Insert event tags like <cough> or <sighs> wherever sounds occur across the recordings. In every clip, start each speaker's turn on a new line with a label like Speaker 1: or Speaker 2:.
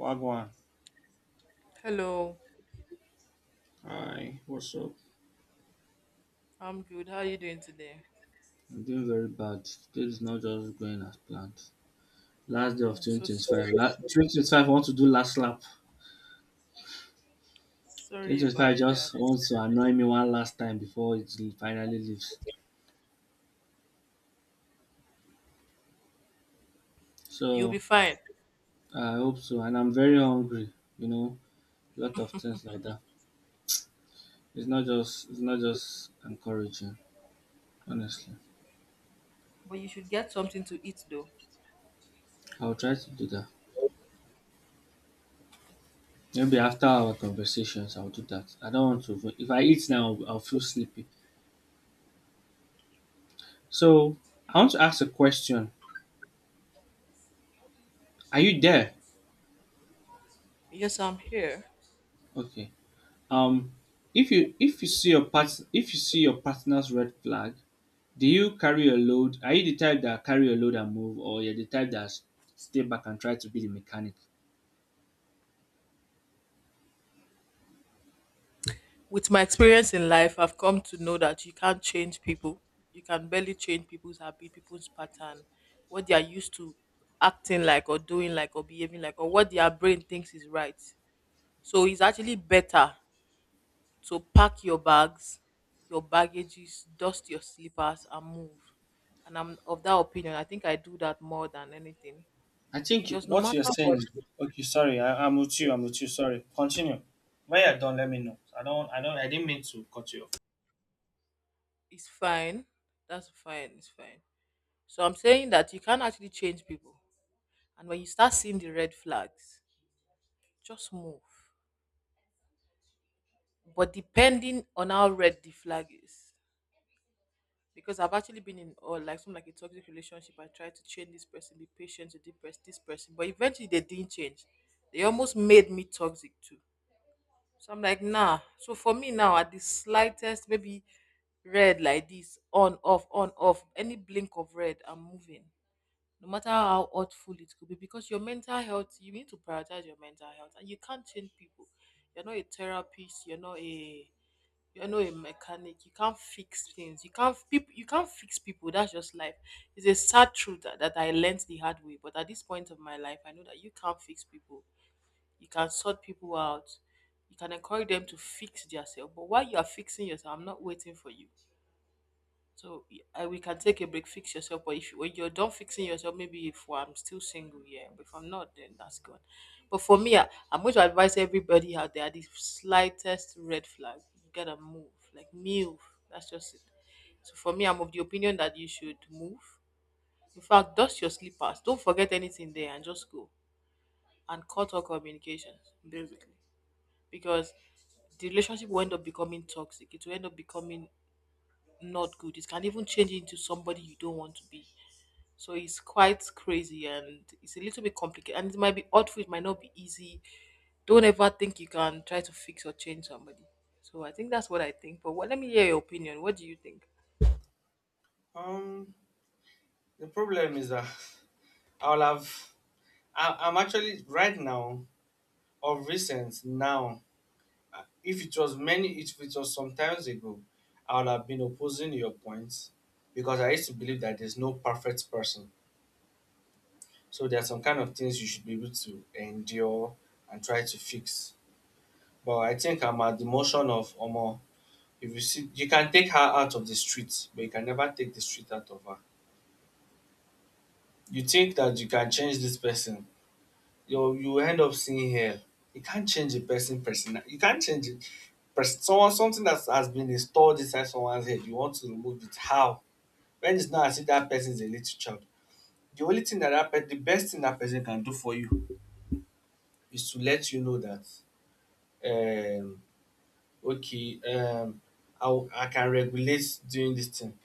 Speaker 1: Wagwan,
Speaker 2: Hello,
Speaker 1: hi, what's up?
Speaker 2: I'm good. How are you doing today?
Speaker 1: I'm doing very bad. Today is not just going as planned. Last day of
Speaker 2: I'm so sorry.
Speaker 1: 2025. 2025, I want to do last lap.
Speaker 2: Sorry
Speaker 1: 2025
Speaker 2: about that.
Speaker 1: just wants to annoy me one last time before it finally leaves.
Speaker 2: You'll be
Speaker 1: So,
Speaker 2: fine,
Speaker 1: I hope so. And I'm very hungry, you know, lot of things like that. It's not just encouraging, honestly.
Speaker 2: but you should get something to eat though.
Speaker 1: I'll try to do that. Maybe after our conversations, I'll do that. I don't want to, if I eat now, I'll feel sleepy. So I want to ask a question. Are you there?
Speaker 2: Yes, I'm here.
Speaker 1: Okay. Um, if you see your part if you see your partner's red flag, do you carry your load? Are you the type that carry your load and move, or you're the type that stay back and try to be the mechanic?
Speaker 2: With my experience in life, I've come to know that you can't change people. You can barely change people's habit, people's pattern, what they are used to acting like, or doing like, or behaving like, or what their brain thinks is right. So it's actually better. So pack your bags, your baggages, dust your slippers, and move. And I'm of that opinion. I think I do that more than anything,
Speaker 1: I think
Speaker 2: because no
Speaker 1: what you're
Speaker 2: matter
Speaker 1: saying
Speaker 2: what.
Speaker 1: is okay. Sorry, I'm with you. I'm with you. Sorry. Continue. When you're done, let me know. I don't. I don't. I didn't mean to cut you off.
Speaker 2: It's fine. That's fine. It's fine. So I'm saying that you can actually change people, and when you start seeing the red flags, just move. But depending on how red the flag is, because I've actually been in or like some like a toxic relationship. I tried to change this person, be patient to depress this person, but eventually they didn't change. They almost made me toxic too. So I'm like, nah. So for me now, at the slightest, maybe red like this, on off, any blink of red, I'm moving. No matter how hurtful it could be, because your mental health, you need to prioritize your mental health, and you can't change people. You're not a therapist. You're not a mechanic. You can't fix things, you can't people, you can't fix people. That's just life. It's a sad truth that I learned the hard way, but at this point of my life, I know that you can't fix people. You can sort people out, you can encourage them to fix themselves, but while you are fixing yourself, I'm not waiting for you. So I, we can take a break, fix yourself. But if when you're done fixing yourself, maybe if I'm still single, yeah. But if I'm not, then that's good. But for me, I'm going to advise everybody out there: the slightest red flag, you gotta move. Like move. That's just it. So for me, I'm of the opinion that you should move. In fact, dust your slippers. Don't forget anything there, and just go and cut all communications, basically, because the relationship will end up becoming toxic. It will end up becoming not good. It can even change you into somebody you don't want to be. So it's quite crazy and it's a little bit complicated. And it might be awful, it might not be easy. Don't ever think you can try to fix or change somebody. So I think that's what I think. But what, let me hear your opinion. What do you think?
Speaker 1: Um, the problem is that I'll have. I'm actually right now of recent now. If it was many if it was some times ago, I would have been opposing your points, because I used to believe that there's no perfect person, so there are some kind of things you should be able to endure and try to fix. But I think I'm at the motion of omo. If you see, you can take her out of the street, but you can never take the street out of her. You can, you can change this person you're seeing here. You can't. Person person you can't change it. Pers, someone something that has been installed inside someone's head, you want to remove it how? When it's not as if that person is a little child, the only thing that the best thing that person can do for you is to let you know that um okay. I can regulate doing this thing,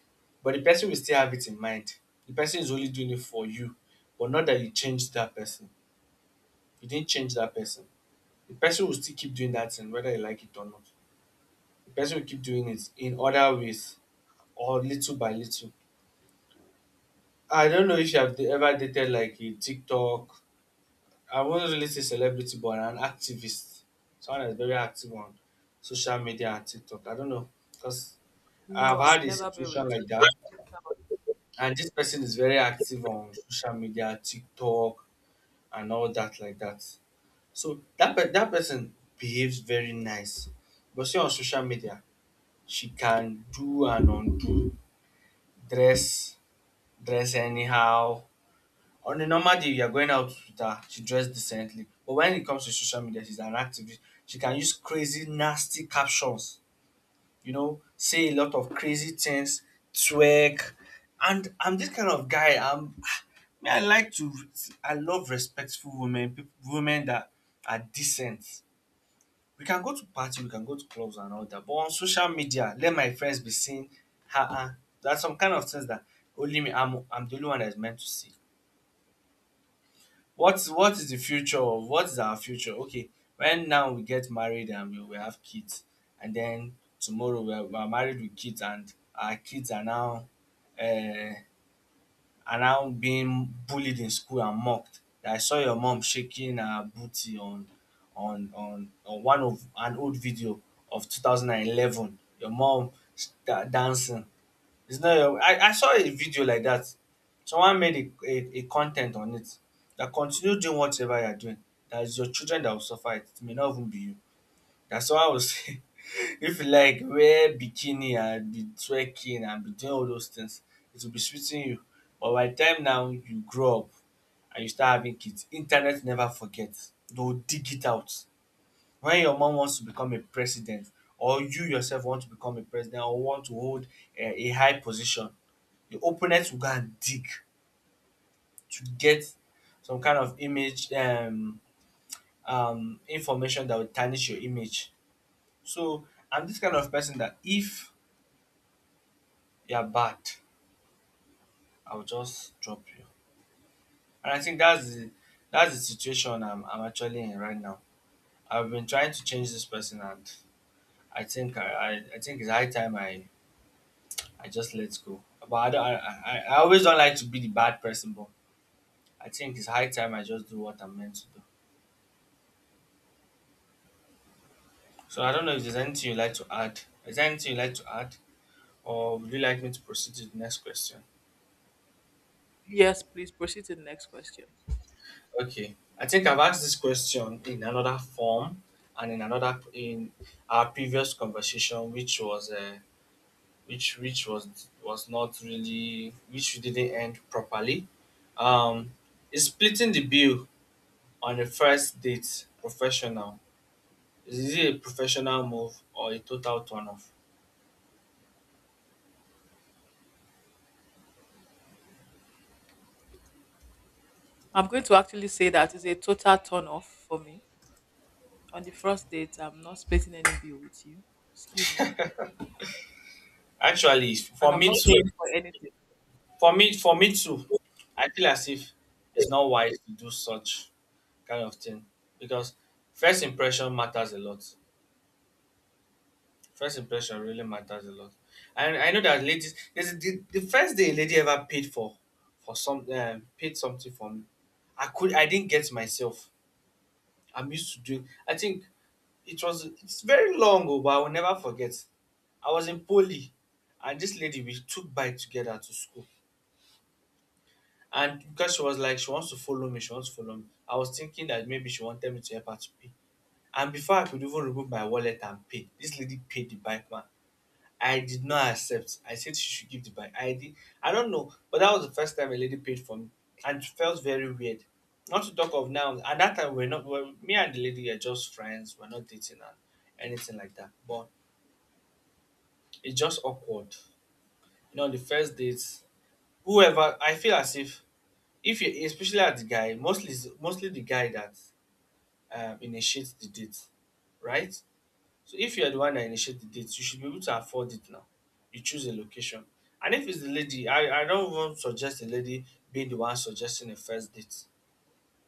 Speaker 1: but the person will still have it in mind. The person is only doing it for you, but not that you changed that person. You didn't change that person. The person will still keep doing that thing whether you like it or not. The person will keep doing it in other ways or little by little. I don't know if you have ever dated like a TikTok, I wouldn't really say celebrity, but an activist. Someone that's very active on social media and TikTok. I don't know. Because I've
Speaker 2: No, I've
Speaker 1: had a
Speaker 2: never been with.
Speaker 1: situation like that. And this person is very active on social media, TikTok, and all that, like that. So that, that person behaves very nice. But see, on social media, she can do and undo, dress, dress anyhow. On a normal day, you are going out with her, she dressed decently. But when it comes to social media, she's an activist. She can use crazy, nasty captions, you know, say a lot of crazy things, twerk. And I'm this kind of guy. <sighs> Me, I love respectful women, people, women that are decent. We can go to party, we can go to clubs and all that. But on social media, let my friends be seeing her. There are some kind of things that only me, I'm the only one that's meant to see. What's what is the future of what is our future? Okay, right now we get married and we have kids, and then tomorrow we are married with kids, and our kids uh, are now being bullied in school and mocked. I saw your mom shaking her booty on on one of an old video of 2011. Your mom sta- dancing. It's not your I saw a video like that. Someone made a content on it that continue doing whatever you're doing. That is your children that will suffer it. It may not even be you. That someone will say <laughs> if you like wear bikini and be trekking and be doing all those things, it will be sweeting you. But by the time now you grow up and you start having kids, internet never forgets. They'll dig it out. When your mom wants to become a president, or you yourself want to become a president or want to hold a high position, the opponent will go and dig to get some kind of image information that will tarnish your image. So I'm this kind of person that if you're bad, I'll just drop you. And I think that's the situation I'm actually in right now. I've been trying to change this person, and I think I think it's high time I just let go. But I always don't like to be the bad person, but I think it's high time I just do what I'm meant to do. So I don't know if there's anything you'd like to add. Is there anything you'd like to add, or would you like me to proceed to the next question?
Speaker 2: Yes, please proceed to the next question.
Speaker 1: Okay, I think I've asked this question in another form and in another in our previous conversation, which was which was not really which we didn't end properly. Um, is splitting the bill on a first date professional? Is it a professional move or a total turn off?
Speaker 2: I'm going to actually say that it's a total turn off for me. On the first date, I'm not splitting any bill with you. Excuse me.
Speaker 1: Actually,
Speaker 2: And
Speaker 1: for
Speaker 2: I'm
Speaker 1: me
Speaker 2: not
Speaker 1: too.
Speaker 2: paying for anything.
Speaker 1: For me too, I feel as if it's not wise to do such kind of thing because first impression matters a lot. First impression really matters a lot. And I know that ladies, this is the first day a lady ever paid for some paid something for me. I could I didn't get myself. I'm used to doing. I think it was it's very long ago, but I will never forget. I was in poly, and this lady we took bike together to school. And because she was like, she wants to follow me, she wants to follow me. I was thinking that maybe she wanted me to help her to pay. And before I could even remove my wallet and pay, this lady paid the bike man. I did not accept. I said she should give the bike. I did. I don't know, but that was the first time a lady paid for me, and it felt very weird. Not to talk of now. At that time, we're not. Well, me and the lady are just friends. We're not dating and anything like that. But it's just awkward. You know, on the first dates, whoever I feel as if you especially at the guy mostly is mostly the guy that initiates the date, right? So if you're the one that initiates the date, you should be able to afford it now. You choose a location. And if it's the lady, I don't even suggest the lady being the one suggesting a first date.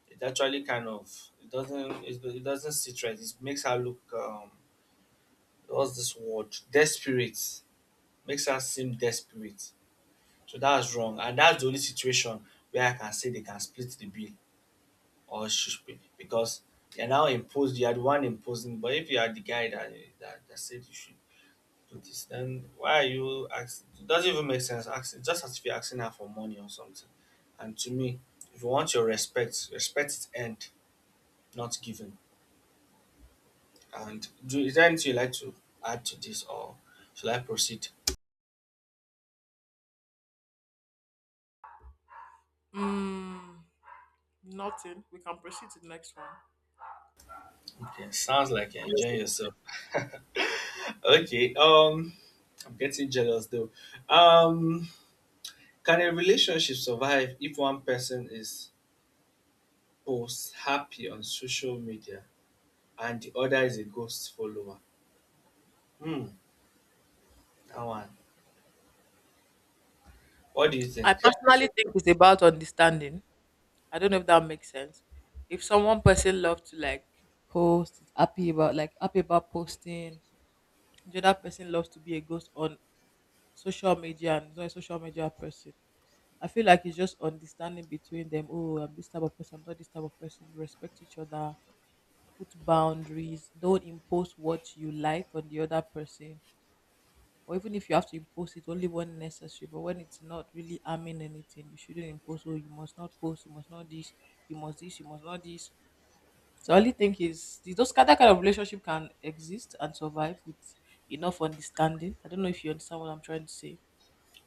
Speaker 1: It actually kind of it doesn't it doesn't sit right. It makes her look what's this word, desperate. Makes her seem desperate. So that's wrong, and that's the only situation where I can say they can split the bill or should be, because you're now imposed. You are the one imposing, but if you are the guy that that said you should do this, then why are you asking? It doesn't even make sense. Asking just as if you're asking her for money or something. And to me, if you want your respect, respect is earned, not given. And do is there anything you like to add to this, or shall I proceed?
Speaker 2: Mm. Nothing. We can proceed to the next one.
Speaker 1: Okay, sounds like you're enjoying yourself. <laughs> okay. I'm getting jealous though. Um, Can a relationship survive if one person is posts happy on social media and the other is a ghost follower? Hmm, that one. What do you think?
Speaker 2: I personally think it's about understanding. I don't know if that makes sense. If someone person loves to like post, is happy about posting, the other person loves to be a ghost on social media and is not a social media person. I feel like it's just understanding between them. Oh, I'm this type of person, I'm not this type of person. Respect each other, put boundaries, don't impose what you like on the other person. Or even if you have to impose it, only when necessary. But when it's not really harming anything, you shouldn't impose, oh, you must not post, you must not this, you must this, you must not this. So I only think is the- those kind- that kind of relationship can exist and survive with enough understanding. I don't know if you understand what I'm trying to say.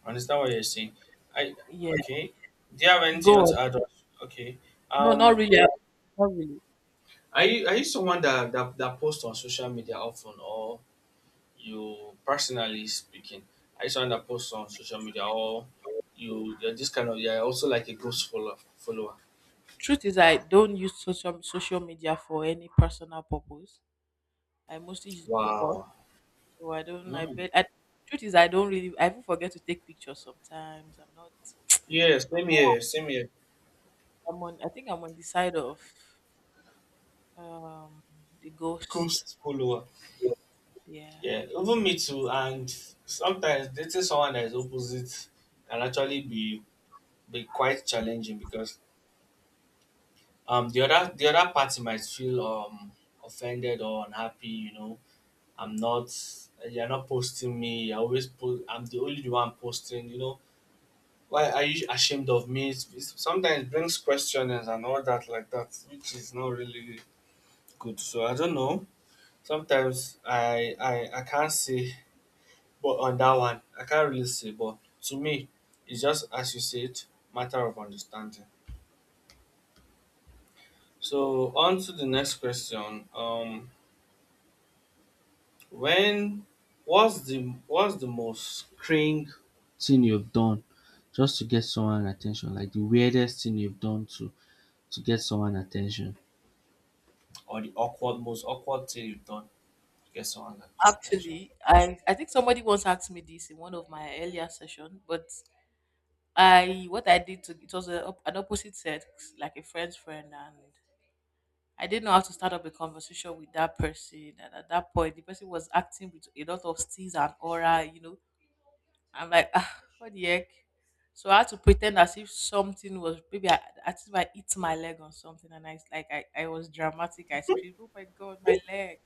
Speaker 1: I understand what you're saying. I
Speaker 2: Yeah.
Speaker 1: okay. Do you have anything
Speaker 2: Go
Speaker 1: you want
Speaker 2: on.
Speaker 1: to add? On? Okay.
Speaker 2: No, not
Speaker 1: Um,
Speaker 2: really. Not really.
Speaker 1: are you someone that posts on social media often, or you personally speaking? Are you someone that posts on social media, or you're this kind of you're also like a ghost follower? Follower.
Speaker 2: Truth is, I don't use social media for any personal purpose. I mostly use it for work.
Speaker 1: Wow.
Speaker 2: So I don't. I
Speaker 1: Hmm.
Speaker 2: bet. Truth is, I don't really. I even forget to take pictures sometimes. I'm not.
Speaker 1: Yeah,
Speaker 2: I'm.
Speaker 1: same here, same here.
Speaker 2: I think I'm on the side of um the ghost.
Speaker 1: Ghost follower.
Speaker 2: Yeah.
Speaker 1: Yeah, even me too. And sometimes dating someone that is opposite can actually be quite challenging because the other party might feel offended or unhappy. You know, I'm not. You're not posting me. You're always post. I'm the only one posting. You know, why are you ashamed of me? Sometimes brings questions and all that like that, which is not really good. So I don't know. Sometimes I can't say, but on that one I can't really say. But to me, it's just as you said, matter of understanding. So on to the next question. When what's the what's the most cringe thing you've done just to get someone attention? Like the weirdest thing you've done to get someone attention, or the awkward most awkward thing you've done to get someone attention?
Speaker 2: Actually, I think somebody once asked me this in one of my earlier session, but I what I did to it was an opposite sex, like a friend's friend, and I didn't know how to start up a conversation with that person. And at that point, the person was acting with a lot of steeze and aura. I'm like, ah, what the heck? So I had to pretend as if something was maybe I as if I hit my leg or something, and like I was dramatic. I screamed, oh my god, my leg.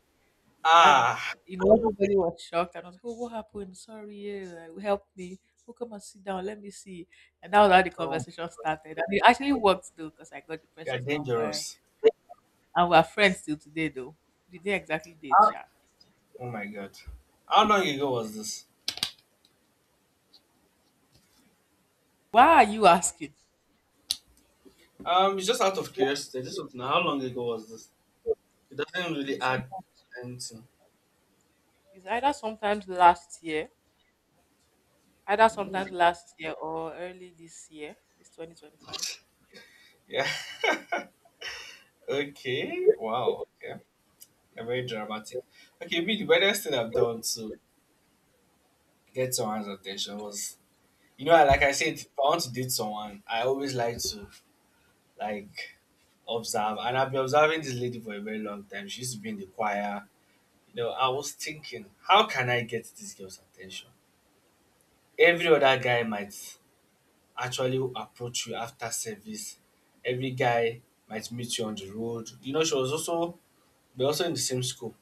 Speaker 2: And
Speaker 1: Ah,
Speaker 2: everybody was shocked, and I was like, oh, what happened? Sorry, yeah, like, help me. Oh, come and sit down, let me see. And that was how the
Speaker 1: oh,
Speaker 2: conversation started. And it actually worked though, because I got the
Speaker 1: you're
Speaker 2: person's number,
Speaker 1: dangerous.
Speaker 2: and we're friends till today though. We didn't exactly date,
Speaker 1: How
Speaker 2: Sha.
Speaker 1: Oh my god. How long ago was this?
Speaker 2: Why are you asking?
Speaker 1: It's just out of curiosity. I just want to know how long ago was this? It doesn't really
Speaker 2: Maybe
Speaker 1: add
Speaker 2: sometimes,
Speaker 1: anything.
Speaker 2: it's either sometimes last year or early this year, this 2025.
Speaker 1: Yeah. <laughs> Okay. Wow. Okay. You're very dramatic. Okay, me, the weirdest thing I've done to get someone's attention was, you know, like I said, if I want to date someone, I always like to, like, observe. And I've been observing this lady for a very long time. She used to be in the choir. You know, I was thinking, how can I get this girl's attention? Every other guy might actually approach you after service. Every guy might meet you on the road. You know, she was also we're also in the same school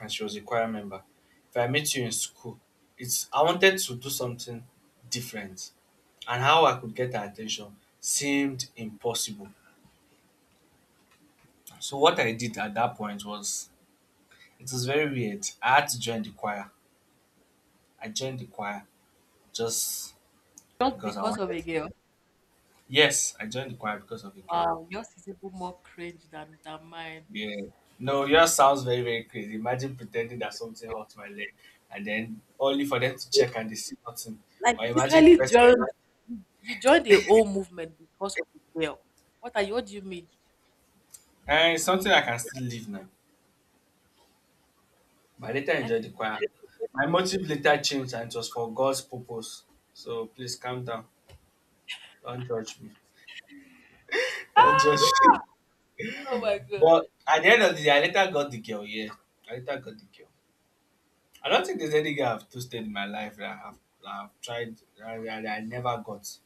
Speaker 1: and she was a choir member. If I meet you in school, it's I wanted to do something different. And how I could get her attention seemed impossible. So what I did at that point was it was very weird. I had to join the choir. I joined the choir just
Speaker 2: Just
Speaker 1: because I
Speaker 2: because of
Speaker 1: wanted
Speaker 2: a
Speaker 1: to.
Speaker 2: girl.
Speaker 1: Yes, I joined the choir because of a girl.
Speaker 2: Wow, yours is even more cringe than mine.
Speaker 1: Yeah. No, yours sounds very, very crazy. Imagine pretending that something hurts my leg and then only for them to check and they see nothing.
Speaker 2: Like
Speaker 1: Or
Speaker 2: you
Speaker 1: imagine the
Speaker 2: literally
Speaker 1: person,
Speaker 2: joined you joined the whole movement because of a girl. What do you mean?
Speaker 1: eh, it's something I can still leave now. But later
Speaker 2: Like
Speaker 1: enjoyed
Speaker 2: you
Speaker 1: the choir. My motive later changed and it was for God's purpose. So please calm down. Don't judge me. <laughs> Don't judge me.
Speaker 2: Ah,
Speaker 1: <laughs>
Speaker 2: oh my god.
Speaker 1: But at the end of the day, I later got the girl, yeah. I later got the girl. I don't think there's any girl I've toasted in my life that I've tried, that I never got.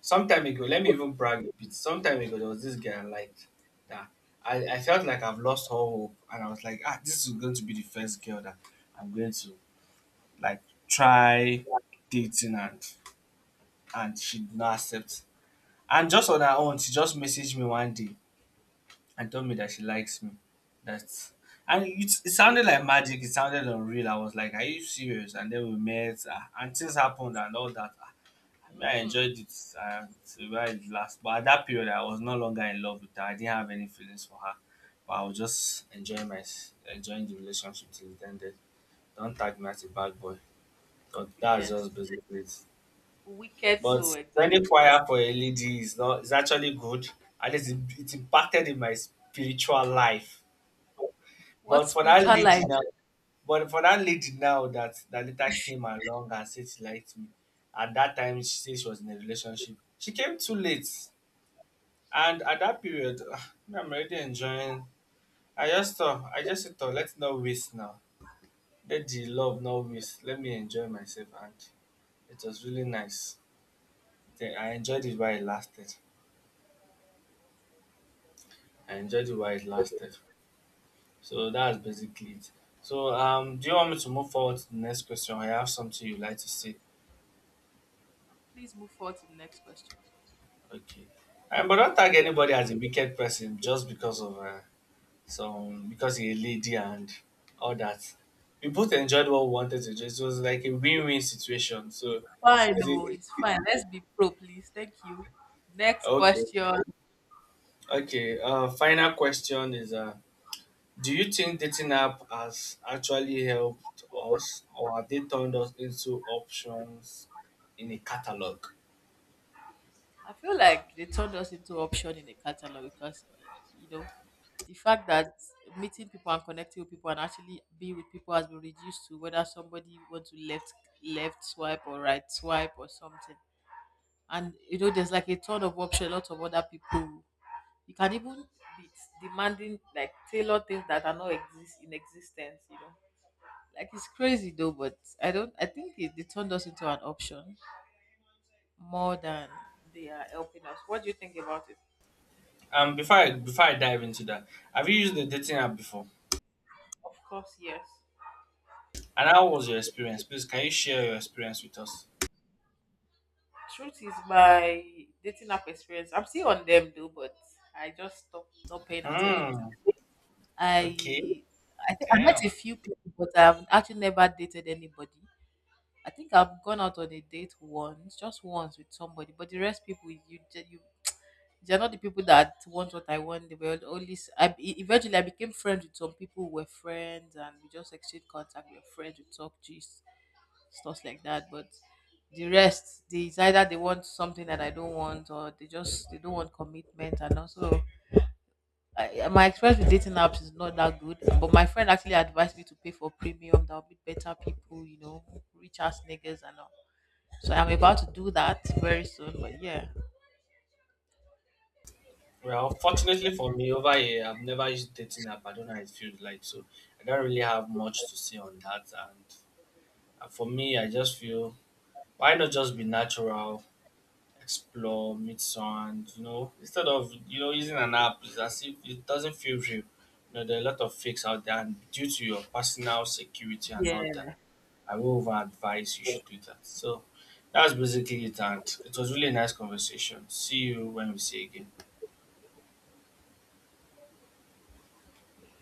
Speaker 1: Some time ago, let me even brag a bit. Some time ago, there was this guy I liked that I felt like I've lost all hope, and I was like, ah, this is going to be the first girl that I'm going to like try dating, and she did not accept. And just on her own, she just messaged me one day and told me that she likes me. That's and it, it sounded
Speaker 2: Okay.
Speaker 1: like magic. It sounded unreal. I was like, "Are you serious?" And then we met, ah, and things happened, and all that. Me, I
Speaker 2: Mm,
Speaker 1: enjoyed it to where it last. But at that period, I was no longer in love with her. I didn't have any feelings for her. But I was just enjoying the relationship till it ended. Don't tag me as a bad boy. So that's just
Speaker 2: yes.
Speaker 1: basically it.
Speaker 2: Wicked so
Speaker 1: But any
Speaker 2: exactly.
Speaker 1: choir for a lady is not is actually good. At least it impacted in my spiritual life.
Speaker 2: What
Speaker 1: But for that
Speaker 2: spiritual life?
Speaker 1: lady now, but for that lady now that later came along and said she liked me, at that time she said she was in a relationship. She came too late. And at that period, <sighs> me, I'm already enjoying. I just thought, let's not waste now. Let the love not waste. Let me enjoy myself, and it was really nice. Then I enjoyed it while it lasted. I enjoyed it while it lasted. So that's basically it. So do you want me to move forward to the next question? I have something you'd like to say.
Speaker 2: Please move forward to the next question.
Speaker 1: Okay. But don't tag anybody as a wicked person just because of some because you're a lady and all that. We both enjoyed what we wanted to do. It was like a win-win situation.
Speaker 2: It's
Speaker 1: So,
Speaker 2: fine,
Speaker 1: is
Speaker 2: oh, it's
Speaker 1: it
Speaker 2: fine. Let's be pro, please. Thank you. Next
Speaker 1: okay?
Speaker 2: question.
Speaker 1: Okay. Final question is: do you think dating app has actually helped us, or have they turned us into options in a catalog?
Speaker 2: I feel like they turned us into option in a catalog, because you know the fact that meeting people and connecting with people and actually being with people has been reduced to whether somebody wants to left swipe or right swipe or something. And there's like a ton of option, lots of other people. You can even be demanding, like tailor things that are not exist in existence. Like it's crazy though. But I don't. I think they turned us into an option more than they are helping us. What do you think about it?
Speaker 1: Before I before I dive into that, have you used the dating app before?
Speaker 2: Of course, yes.
Speaker 1: And how was your experience? Please, can you share your experience with us?
Speaker 2: Truth is, my dating app experience. I'm still on them though, but I just stopped not paying attention to
Speaker 1: Hmm.
Speaker 2: them.
Speaker 1: Okay.
Speaker 2: I I think I met a
Speaker 1: Damn.
Speaker 2: few people, but I've actually never dated anybody. I think I've gone out on a date once, just once with somebody, but the rest people, you ju- you they're not the people that want what I want. They were only s- I e- Eventually I became friends with some people who were friends, and we just exchanged contact, we were friends, we talked gist, stuff like that. But the rest, it's either they want something that I don't want, or they just they don't want commitment. And also, my experience with dating apps is not that good. But my friend actually advised me to pay for premium. That'll be better people, rich ass niggas and all. So I'm about to do that very soon. But yeah.
Speaker 1: Well, fortunately for me, over here, I've never used dating app. I don't know how it feels like, so I don't really have much to say on that. And for me, I just feel why not just be natural, explore, meet someone, you know, instead of using an app, it's as if it doesn't feel real. You know, there are a lot of fakes out there, and due to your personal security and all that,
Speaker 2: Yeah.
Speaker 1: I will over advise you should do that. So that's basically it, and it was really a nice conversation. See you when we see again.